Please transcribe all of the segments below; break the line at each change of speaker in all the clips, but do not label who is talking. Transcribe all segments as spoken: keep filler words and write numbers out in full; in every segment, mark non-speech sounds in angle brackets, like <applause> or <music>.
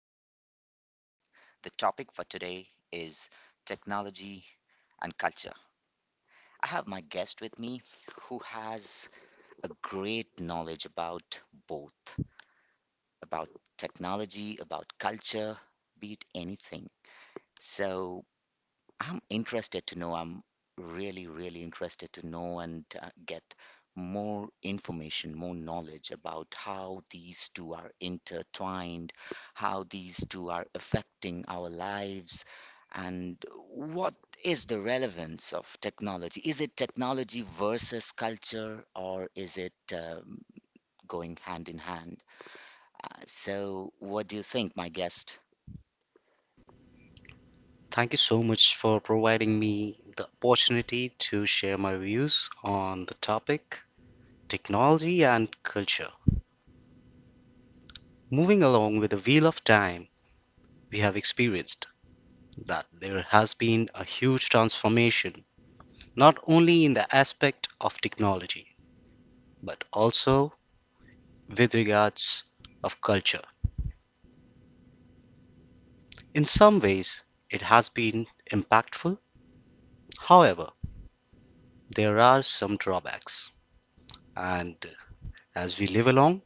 to the podcast. The topic for today is technology and culture. I have my guest with me who has a great knowledge about both, about technology, about culture, be it anything. So, I'm interested to know. I'm really, really interested to know and uh, get more information, more knowledge about how these two are intertwined, how these two are affecting our lives, and what is the relevance of technology? Is it technology versus culture, or is it um, going hand in hand? Uh, so, what do you think, my guest?
Thank you so much for providing me the opportunity to share my views on the topic technology and culture. Moving along with the wheel of time, we have experienced that there has been a huge transformation, not only in the aspect of technology, but also with regards of culture. In some ways, it has been impactful. However, there are some drawbacks. And as we live along,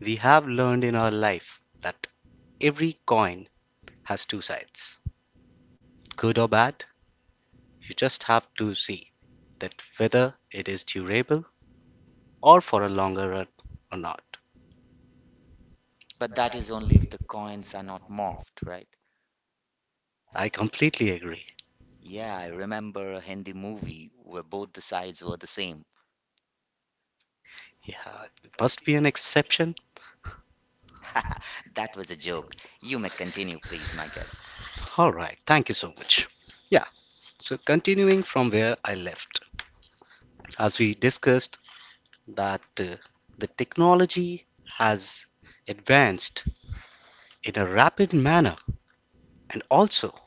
We have learned in our life that every coin has two sides, good or bad. You just have to see that whether it is durable or for a longer run or not.
But that is only if the coins are not morphed, right?
I completely agree.
Yeah, I remember a Hindi movie where both the sides were the same.
Yeah, it must be an exception.
That was a joke. You may continue, please, my guest.
All right, thank you so much. Yeah, so continuing from where I left, as we discussed that uh, the technology has advanced in a rapid manner and also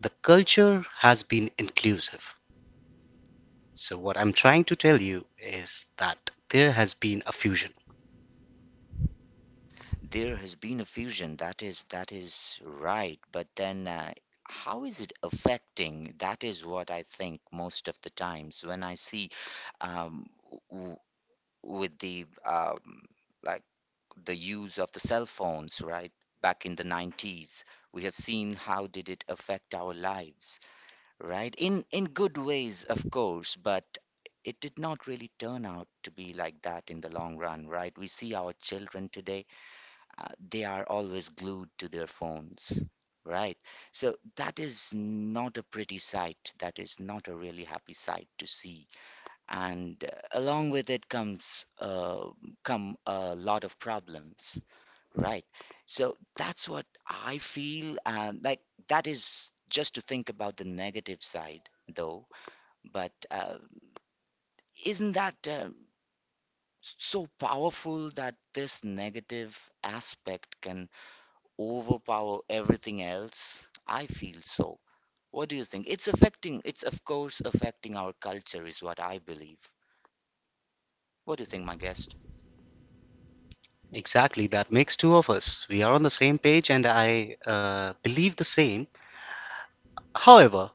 the culture has been inclusive. So, what I'm trying to tell you is that there has been a fusion.
There has been a fusion. That is that is right. But then, uh, how is it affecting? That is what I think most of the times when I see um, w with the um, like the use of the cell phones, right? Back in the nineties, we have seen how did it affect our lives. Right? In in good ways, of course, but it did not really turn out to be like that in the long run, right? We see our children today, uh, they are always glued to their phones, right? So that is not a pretty sight. That is not a really happy sight to see. And uh, along with it comes uh, come a lot of problems, right? So that's what I feel, and like that is just to think about the negative side though, but uh, isn't that uh, so powerful that this negative aspect can overpower everything else? I feel so. What do you think? It's affecting, it's of course affecting our culture, is what I believe. What do you think, my guest?
Exactly, that makes two of us. We are on the same page, and I uh, believe the same. However,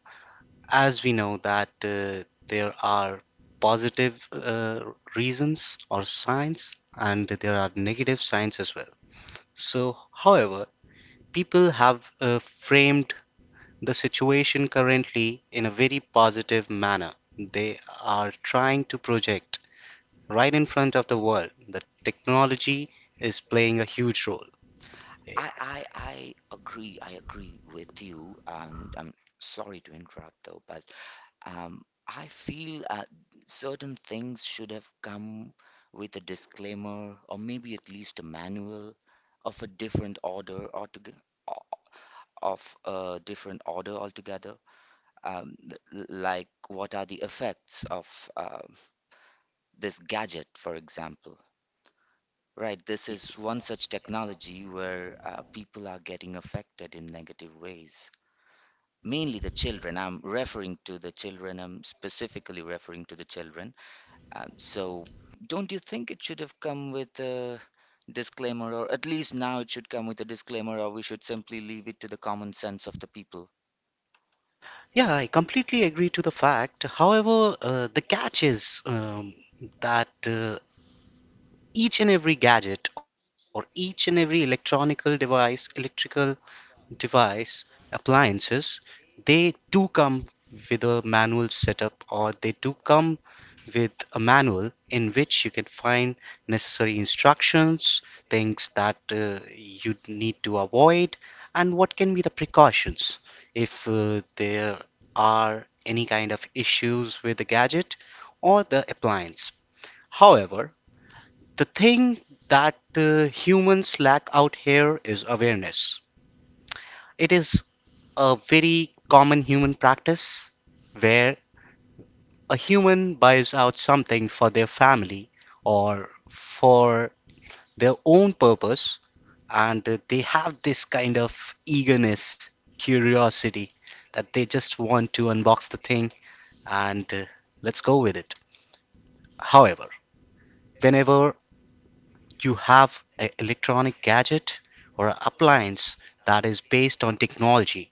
as we know that uh, there are positive uh, reasons or signs, and there are negative signs as well. So, however, people have uh, framed the situation currently in a very positive manner. They are trying to project right in front of the world that technology is playing a huge role.
I, I I agree. I agree with you, and I'm sorry to interrupt though, but um, I feel uh, certain things should have come with a disclaimer or maybe at least a manual of a different order or of a different order altogether. Um, th- like what are the effects of uh, this gadget, for example? Right, this is one such technology where uh, people are getting affected in negative ways. Mainly the children. I'm referring to the children. I'm specifically referring to the children. Um, so, don't you think it should have come with a disclaimer, or at least now it should come with a disclaimer, or we should simply leave it to the common sense of the people?
Yeah, I completely agree to the fact. However, uh, the catch is um, that uh, each and every gadget or each and every electronical device, electrical device, appliances, they do come with a manual setup or they do come with a manual in which you can find necessary instructions, things that uh, you need to avoid, and what can be the precautions if uh, there are any kind of issues with the gadget or the appliance. However, the thing that uh, humans lack out here is awareness. It is a very common human practice where a human buys out something for their family or for their own purpose, and they have this kind of eagerness, curiosity that they just want to unbox the thing and uh, let's go with it. However, whenever you have an electronic gadget or an appliance that is based on technology,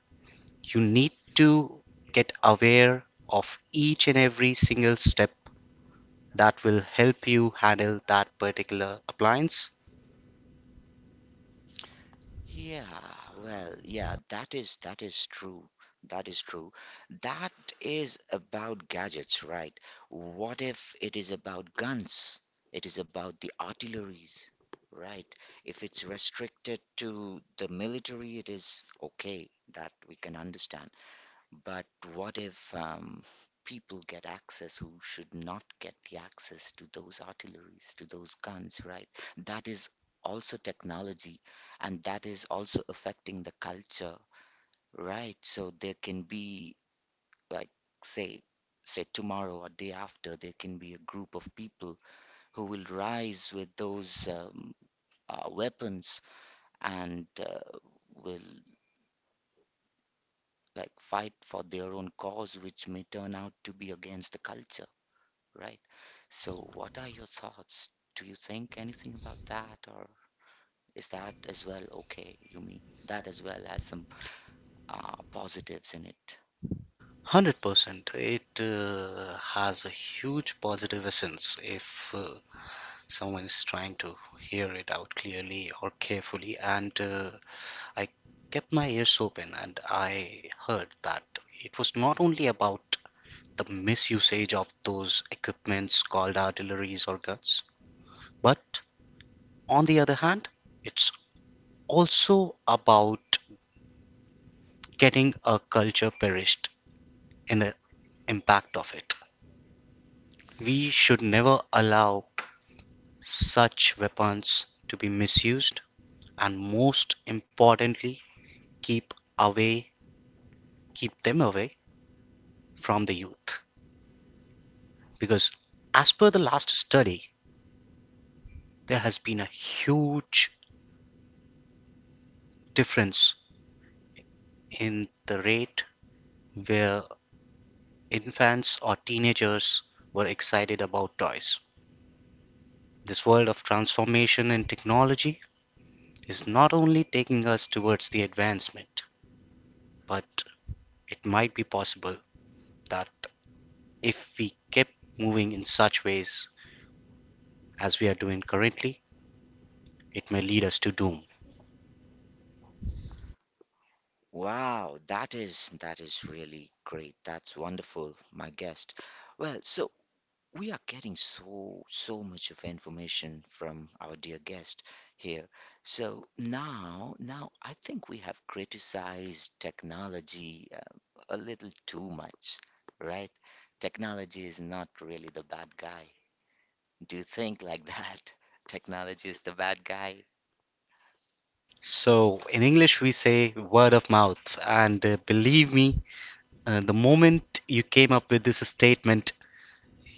you need to get aware of each and every single step that will help you handle that particular appliance.
Yeah, well, yeah, that is that is true. That is true. That is about gadgets, right? What if it is about guns? It is about the artilleries, right? If it's restricted to the military, it is okay that we can understand. But what if um, people get access who should not get the access to those artilleries, to those guns, right? That is also technology, and that is also affecting the culture, right? So there can be, like, say, say tomorrow or day after, there can be a group of people who will rise with those um, uh, weapons and uh, will like fight for their own cause, which may turn out to be against the culture. Right. So,
one
what are your thoughts? Do you think anything about that, or is that as well okay? You mean that as well has some uh, positives in it?
hundred percent, it uh, has a huge positive essence if uh, someone is trying to hear it out clearly or carefully. And uh, I kept my ears open, and I heard that it was not only about the misusage of those equipments called artilleries or guns. But on the other hand, it's also about getting a culture perished in the impact of it. We should never allow such weapons to be misused, and most importantly, keep away keep them away from the youth, because as per the last study there has been a huge difference in the rate where infants or teenagers were excited about toys. This world of transformation in technology is not only taking us towards the advancement, but it might be possible that if we keep moving in such ways as we are doing currently, it may lead us to doom.
Wow, that is that is really great. That's wonderful, my guest. Well, so we are getting so so much of information from our dear guest here. So now now i think we have criticized technology uh, a little too much, right? Technology is not really the bad guy. Do you think like that <laughs> technology is the bad guy?
So, in English, we say word of mouth, and uh, believe me, uh, the moment you came up with this statement,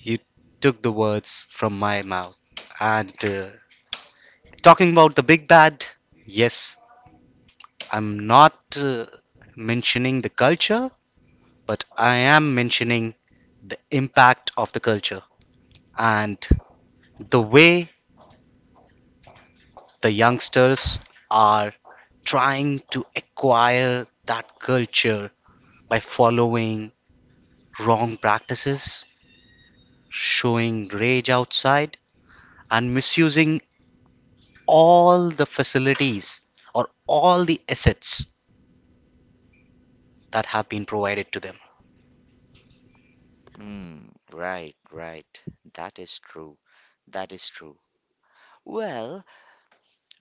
you took the words from my mouth. And uh, talking about the big bad, yes, I'm not uh, mentioning the culture, but I am mentioning the impact of the culture and the way the youngsters are trying to acquire that culture by following wrong practices, showing rage outside, and misusing all the facilities or all the assets that have been provided to them.
Hmm. Right, right, that is true. That is true. Well.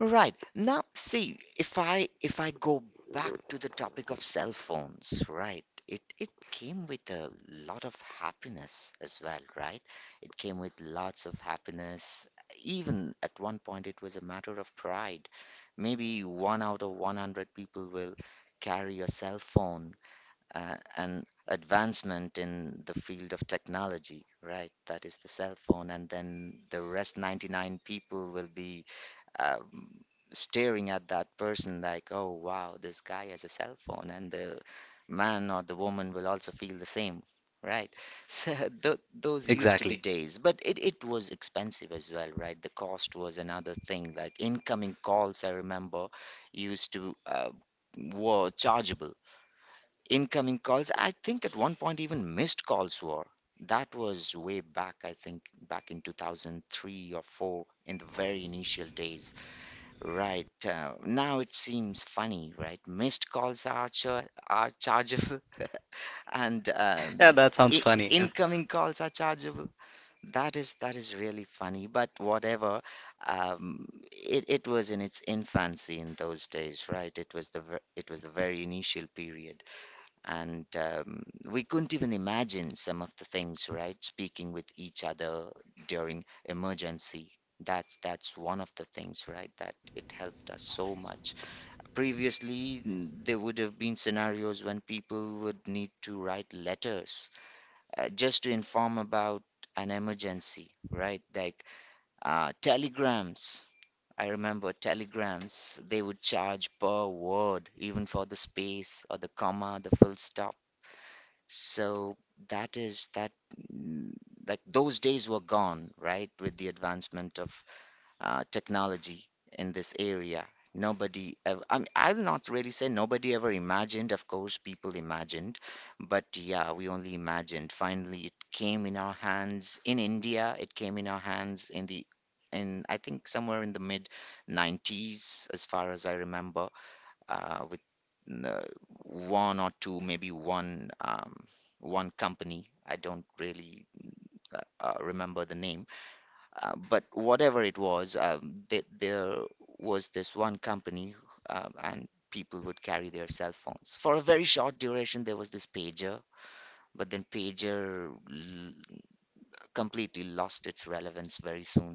Right. Now, see, if I if I go back to the topic of cell phones, right? It it came with a lot of happiness as well, right? It came with lots of happiness. Even at one point, it was a matter of pride. Maybe one out of hundred people will carry a cell phone, uh, an advancement in the field of technology, right? That is the cell phone, and then the rest ninety-nine people will be um, staring at that person like, oh wow, this guy has a cell phone, and the man or the woman will also feel the same, right? <laughs> So th those used to be
Exactly.
days, but it, it was expensive as well, right? The cost was another thing. Like incoming calls, I remember, used to uh, were chargeable. Incoming calls, I think at one point even missed calls were. That was way back, I think, back in two thousand three or four in the very initial days. Right. Uh, now it seems funny, right? Missed calls are char are chargeable <laughs> and um,
Yeah, that sounds
I
funny. Yeah.
incoming calls are chargeable. That is that is really funny, but whatever. Um, it it was in its infancy in those days, right? It was the ver it was the very initial period, and um, we couldn't even imagine some of the things, right? Speaking with each other during emergency, that's that's one of the things, right? That it helped us so much. Previously, n- there would have been scenarios when people would need to write letters uh, just to inform about an emergency, right? Like uh, telegrams. I remember telegrams, they would charge per word, even for the space or the comma, the full stop. So that is that, mm, like those days were gone, right? With the advancement of uh, technology in this area. Nobody ever, I mean, I'll not really say nobody ever imagined. Of course, people imagined, but yeah, we only imagined. Finally, it came in our hands in India. It came in our hands in the, in I think somewhere in the mid nineties, as far as I remember, uh, with uh, one or two, maybe one um, one company. I don't really uh, uh, remember the name, uh, but whatever it was, um, th there was this one company, um, and people would carry their cell phones. For a very short duration, there was this pager, but then pager l completely lost its relevance very soon.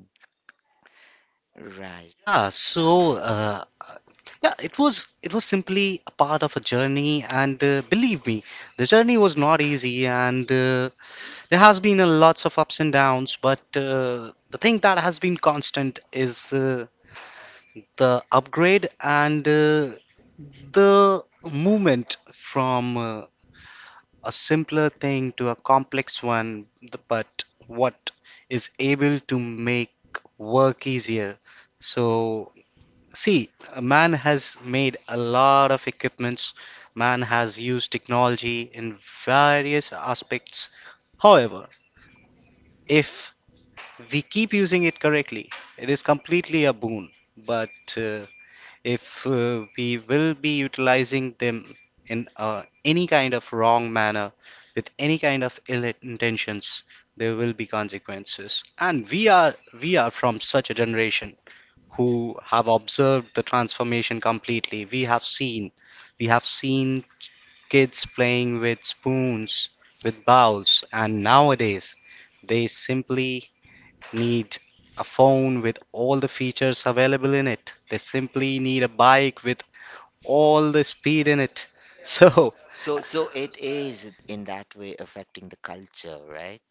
Right.
Yeah, so uh, yeah, it was it was simply a part of a journey, and uh, believe me, the journey was not easy, and uh, there has been a lots of ups and downs, but uh, the thing that has been constant is uh, the upgrade and uh, the movement from uh, a simpler thing to a complex one, th- but what is able to make work easier. So, see, man has made a lot of equipments, man has used technology in various aspects. However, if we keep using it correctly, it is completely a boon. But uh, if uh, we will be utilizing them in uh, any kind of wrong manner, with any kind of ill intentions, there will be consequences. And we are, we are from such a generation who have observed the transformation completely. We have seen, we have seen kids playing with spoons, with bowls, and nowadays they simply need a phone with all the features available in it. They simply need a bike with all the speed in it. <laughs> So,
So, so it is in that way affecting the culture, right?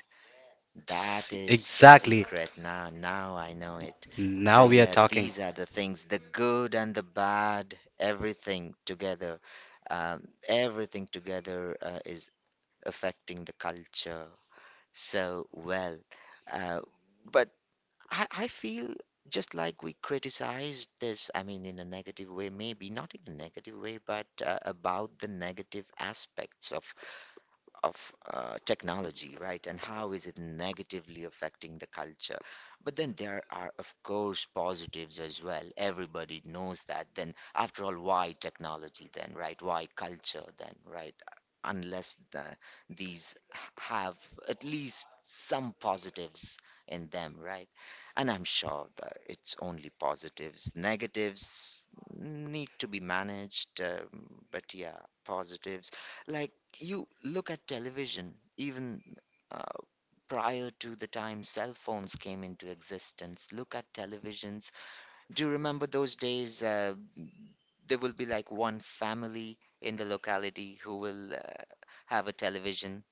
That
s-
is the
exactly.
secret. Now, now I know it. So,
Now we are
yeah,
talking.
these are the things, the good and the bad, everything together. Um, everything together uh, is affecting the culture so well. Uh, but I, I feel just like we criticized this, I mean, in a negative way, maybe not in a negative way, but uh, about the negative aspects of of uh, technology, right? And how is it negatively affecting the culture? But then there are, of course, positives as well. Everybody knows that. Then, after all, why technology then, right? Why culture then, right? Unless the, these have at least some positives in them, right? And I'm sure that it's only positives. Negatives need to be managed, um, but yeah, positives like you look at television, even uh, prior to the time cell phones came into existence, look at televisions. Do you remember those days? Uh, there will be like one family in the locality who will uh, have a television,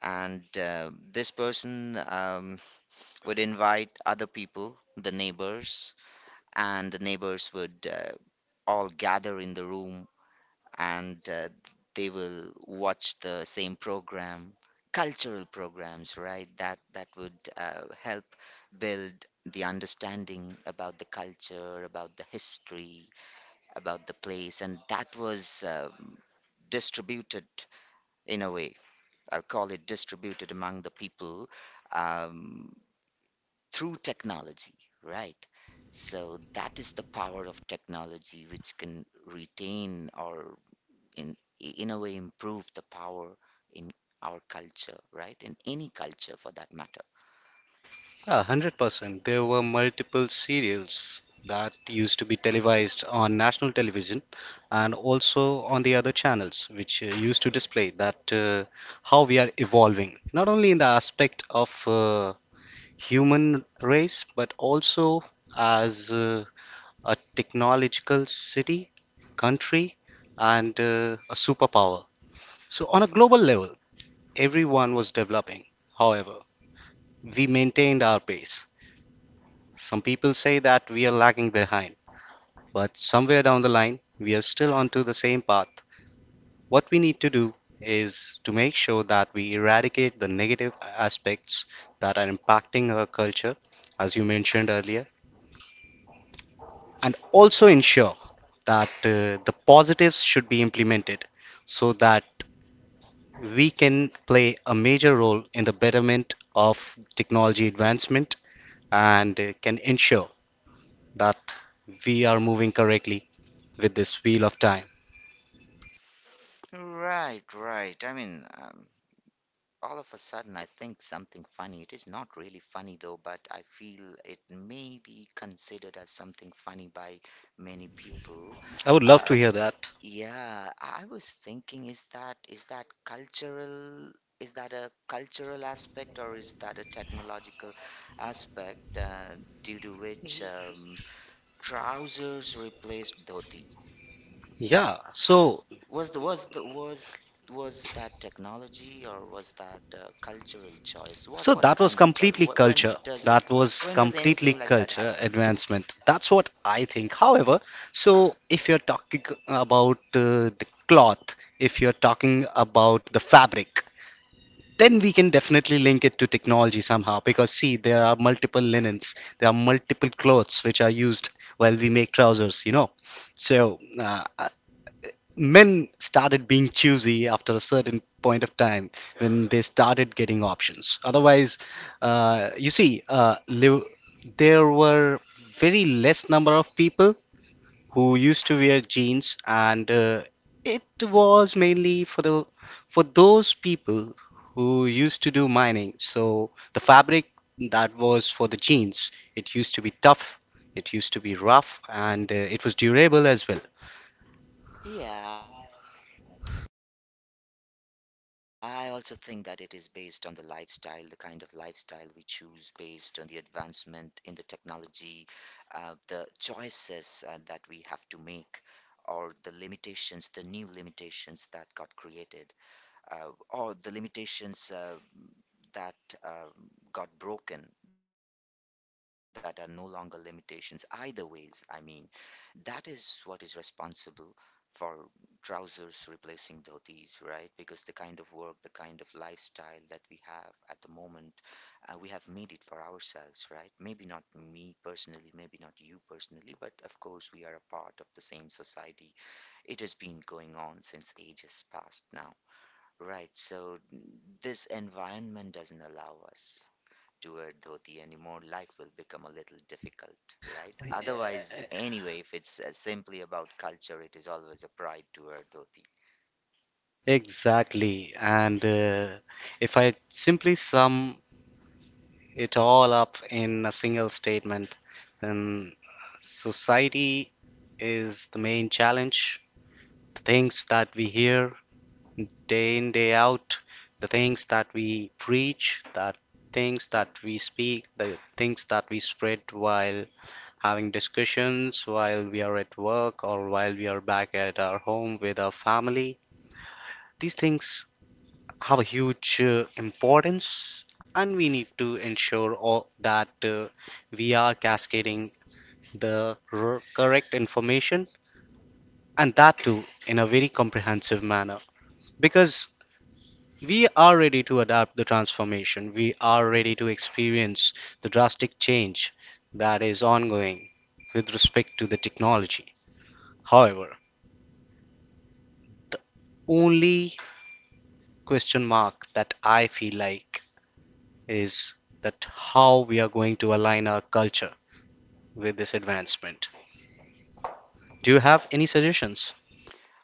and uh, this person um, would invite other people, the neighbors, and the neighbors would uh, all gather in the room and uh, they will watch the same program, cultural programs, right? That that would uh, help build the understanding about the culture, about the history, about the place, and that was um, distributed in a way. I'll call it distributed among the people um, through technology, right? So that is the power of technology, which can retain or in in a way improve the power in our culture, right? In any culture for that matter.
Yeah, one hundred percent. There were multiple serials that used to be televised on national television and also on the other channels, which uh, used to display that uh, how we are evolving, not only in the aspect of uh, human race, but also as uh, a technological city, country, and uh, a superpower. So, on a global level, everyone was developing. However, we maintained our pace. Some people say that we are lagging behind, but somewhere down the line, we are still onto the same path. What we need to do is to make sure that we eradicate the negative aspects that are impacting our culture, as you mentioned earlier, and also ensure that uh, the positives should be implemented so that we can play a major role in the betterment of technology advancement, and uh, can ensure that we are moving correctly with this wheel of time.
Right, right. I mean, um, all of a sudden, I think something funny. It is not really funny though, but I feel it may be considered as something funny by many people.
I would love
Uh,
to hear that.
yeah, I was thinking, is that is that cultural? Is that a cultural aspect or is that a technological aspect uh, due to which um, trousers replaced dhoti.
Yeah, so
Was the was the was was that technology or was that uh, cultural choice? What
So
what
that was
kind of choice?
completely
What,
culture.
when does
That was
when does
completely
anything like that
culture
happen?
advancement. That's what I think. However, so if you're talking about uh, the cloth, if you're talking about the fabric, then we can definitely link it to technology somehow. Because see, there are multiple linens, there are multiple clothes which are used while we make trousers, you know. So uh, men started being choosy after a certain point of time, when they started getting options. Otherwise, uh, you see, uh, liv- there were very less number of people who used to wear jeans, and uh, it was mainly for the for those people who used to do mining. So the fabric that was for the jeans, it used to be tough, it used to be rough, and uh, it was durable as well.
Yeah, I also think that it is based on the lifestyle, the kind of lifestyle we choose, based on the advancement in the technology, uh, the choices uh, that we have to make, or the limitations, the new limitations that got created. uh, or the limitations uh, that uh, got broken, that are no longer limitations either ways, i mean that is what is responsible for trousers replacing dhotis, right? Because the kind of work, the kind of lifestyle that we have at the moment, uh, we have made it for ourselves, right? Maybe not me personally, maybe not you personally, but of course we are a part of the same society. It has been going on since ages past now. Right, so this environment doesn't allow us to a dhoti anymore. Life will become a little difficult, right? Otherwise, anyway, if it's uh, simply about culture, it is always a pride to a dhoti.
Exactly. And uh, if I simply sum it all up in a single statement, then society is the main challenge. The things that we hear day in, day out, the things that we preach, that things that we speak, the things that we spread while having discussions, while we are at work, or while we are back at our home with our family. These things have a huge uh, importance, and we need to ensure all that uh, we are cascading the r- correct information, and that too in a very comprehensive manner. Because we are ready to adapt the transformation, we are ready to experience the drastic change that is ongoing with respect to the technology. However, only question mark that I feel like is that how we are going to align our culture with this advancement. Do you have any suggestions?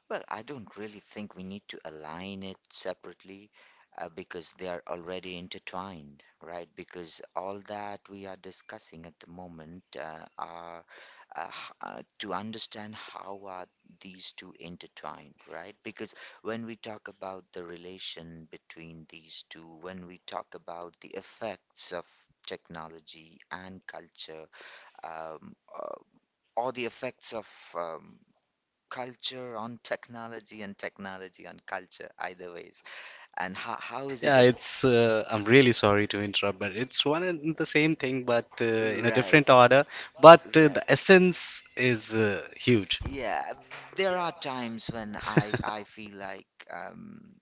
Well, I don't really think we need to align it separately, uh, because they are already intertwined, right? Because all that we are discussing at the moment uh, are uh, h- uh, to understand how are these two intertwined, right? Because when we talk about the relation between these two, when we talk about the effects of technology and culture, um, uh, or the effects of um, culture on technology and technology on culture, either ways, and how, how
<laughs>
is it?
Yeah,
Aff-
it's uh, I'm really sorry to interrupt, but it's one and the same thing, but uh, in a
right,
different order. But uh,
right.
the essence is uh, huge.
Yeah, there are times when I
<laughs>
I feel like um,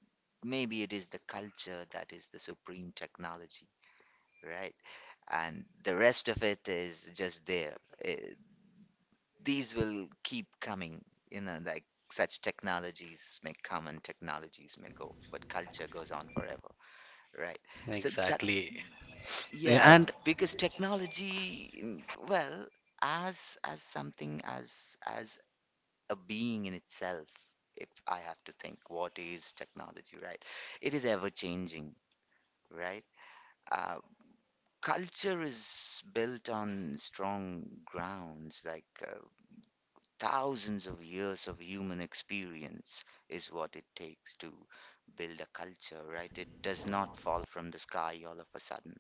maybe it is the culture that is the supreme technology, right? And the rest of it is just there. Eh, these will keep coming, you know, like such technologies may come and technologies may go, but culture goes on forever, right? So that,
Exactly.
yeah,
And
because technology, mm, well, as as something as as a being in itself. If I have to think, what is technology, right? It is ever changing, right? Uh, Culture is built on strong grounds, like uh, thousands of years of human experience is what it takes to build a culture, right? It does not fall from the sky all of a sudden,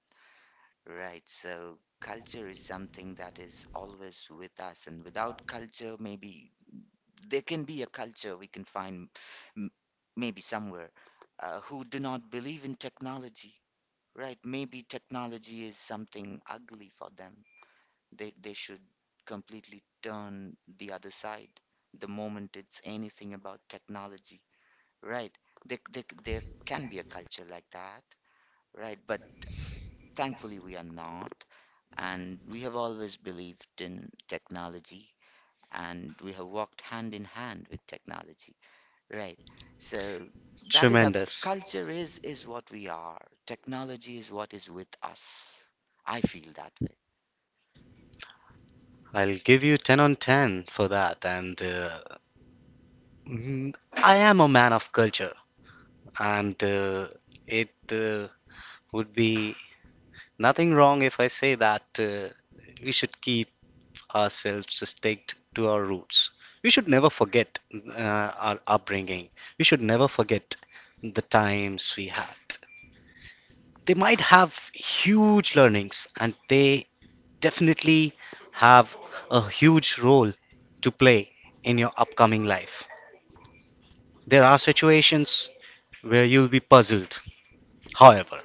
right? So, culture is something that is always with us, and without culture, maybe there can be a culture we can find m- maybe somewhere uh, who do not believe in technology, right? Maybe technology is something ugly for them. They, they should completely turn the other side the moment it's anything about technology, right? There, there, there can be a culture like that, right? But thankfully, we are not. And we have always believed in technology, and we have walked hand in hand with technology. Right. So that is our,
tremendous.
culture is is what we are. Technology is what is with us. I feel that.
I'll give you ten on ten for that. And uh, mm, I am a man of culture. And uh, it uh, would be nothing wrong if I say that uh, we should keep ourselves staked to our roots. We should never forget uh, our upbringing. We should never forget the times we had. They might have huge learnings, and they definitely have a huge role to play in your upcoming life. There are situations where you'll be puzzled. However,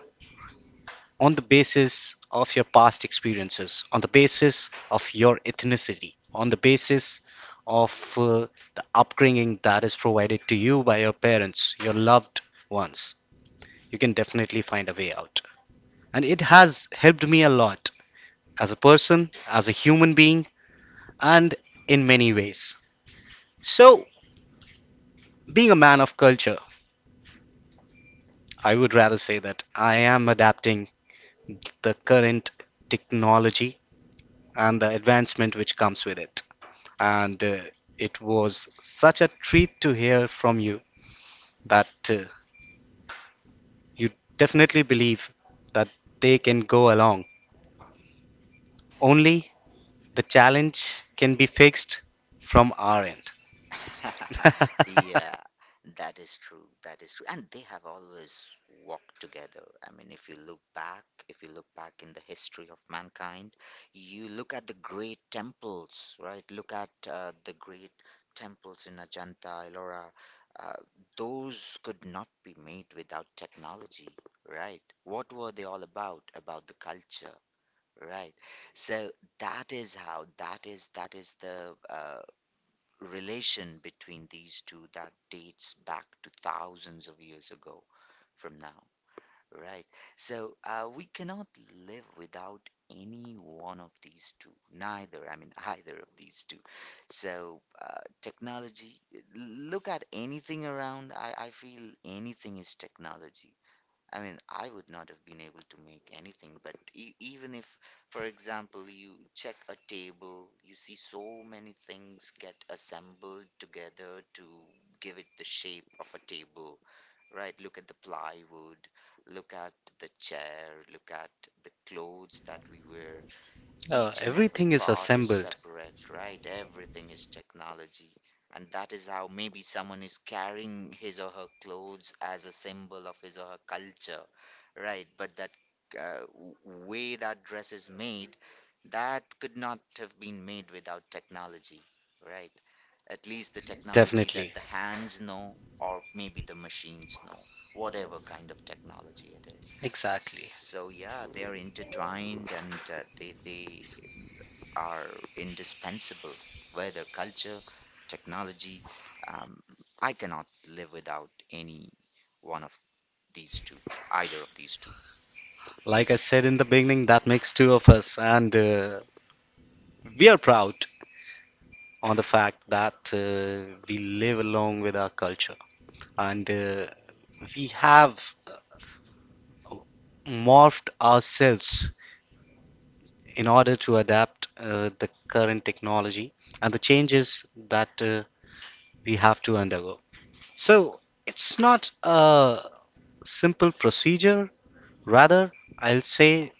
on the basis of your past experiences, on the basis of your ethnicity, on the basis of uh, the upbringing that is provided to you by your parents, your loved ones, you can definitely find a way out. And it has helped me a lot as a person, as a human being, and in many ways. So, being a man of culture, I would rather say that I am adapting the current technology and the advancement which comes with it. And uh, it was such a treat to hear from you that uh, you definitely believe that they can go along. Only the challenge can be fixed from our end.
<laughs> Yeah,
<laughs>
that is true. That is true. And they have always walked together. I mean, if you look back, if you look back in the history of mankind, you look at the great temples, right? Look at uh, the great temples in Ajanta, Ellora. Uh, those could not be made without technology, right? What were they all about? About the culture, right? So that is how, that is, that is the uh, relation between these two that dates back to thousands of years ago from now, right? So uh, we cannot live without any one of these two, neither, I mean, <laughs> either of these two. So uh, technology, look at anything around, I, I feel anything is technology. I mean, I would not have been able to make anything, but e- even if, for example, you check a table, you see so many things get assembled together to give it the shape of a table, right? Look at the plywood, look at the chair, look at the clothes that we wear,
Uh,
each and every
everything is
part is
assembled,
separate, right? Everything is technology. And that is how maybe someone is carrying his or her clothes as a symbol of his or her culture, right? But that uh, w- way that dress is made, that could not have been made without technology, right? At least the technology
definitely.
that the hands know, or maybe the machines know, whatever kind of technology it is.
Exactly.
So yeah, they are intertwined and uh, they they are indispensable, whether culture, technology. Um, I cannot live without any one of these two, either of these two.
Like I said in the beginning, that makes two of us, and uh, we are proud on the fact that uh, we live along with our culture, and uh, we have morphed ourselves in order to adapt uh, the current technology and the changes that uh, we have to undergo. So it's not a simple procedure. Rather, I'll say,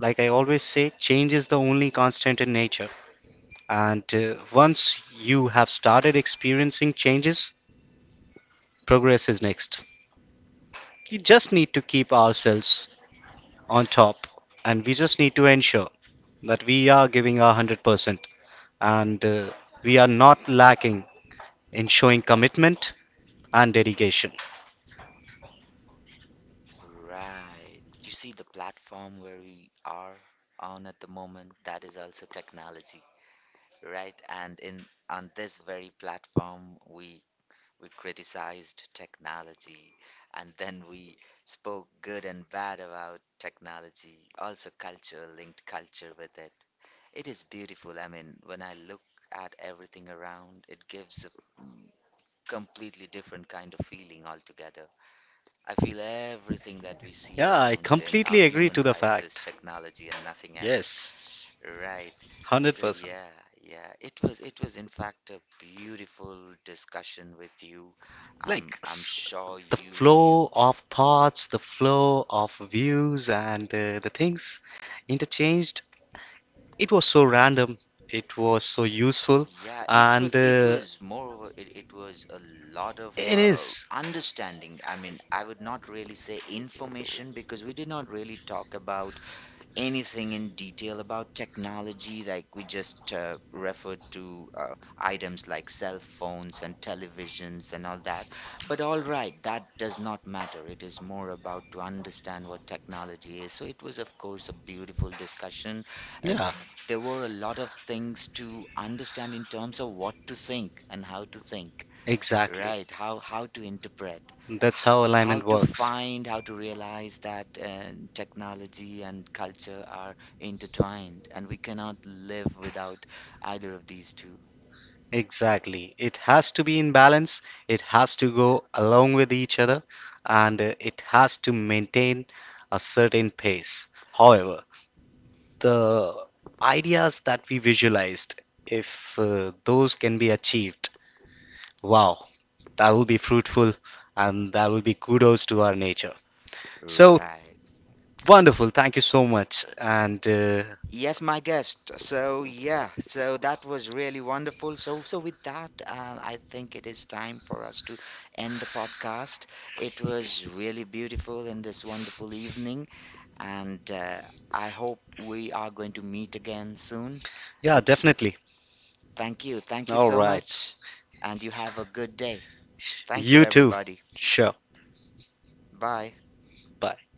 like I always say, change is the only constant in nature. And uh, once you have started experiencing changes, progress is next. We just need to keep ourselves on top, and we just need to ensure that we are giving our one hundred percent, and uh, we are not lacking in showing commitment and dedication.
Right. You see the platform where we are on at the moment, that is also technology, right? And in on this very platform, we we criticized technology, and then we spoke good and bad about technology, also culture, linked culture with it. It is beautiful. I mean, when I look at everything around, it gives a mm, completely different kind of feeling altogether. I feel everything that we see
Yeah, I
around in
completely
our
agree to
human
the
lives is
fact.
technology and nothing else.
Yes,
Right. So
one hundred percent.
yeah, yeah. It was it was in fact, a beautiful discussion with you. I'm
Like
I'm
s-
sure
the
you
flow
you
of thoughts, the flow of views, and uh, the things interchanged. It was so random, it was so useful,
Yeah, it
and
was, it
uh,
was moreover it, it was a lot of
it
uh,
is.
understanding. I mean, I would not really say information because we did not really talk about anything in detail about technology, like we just uh, referred to uh, items like cell phones and televisions and all that. But all right, that does not matter. It is more about to understand what technology is. So it was, of course, a beautiful discussion. And
Yeah,
there were a lot of things to understand in terms of what to think and how to think,
exactly.
right? How how to interpret,
That's how
how
alignment
to
works.
find, how to realize that uh, technology and culture are intertwined, and we cannot live without either of these two.
Exactly. It has to be in balance, it has to go along with each other, and uh, it has to maintain a certain pace. However, the ideas that we visualized, if uh, those can be achieved, wow, that will be fruitful, and that will be kudos to our nature. So,
Right.
wonderful. Thank you so much. And uh,
Yes, my guest. So yeah, so that was really wonderful. So so with that, uh, I think it is time for us to end the podcast. It was really beautiful in this wonderful evening, and uh, I hope we are going to meet again soon.
yeah, definitely.
Thank you. Thank you
All
so
right.
much. And you have a good day. Thank you,
You too.
everybody.
Sure.
Bye.
Bye.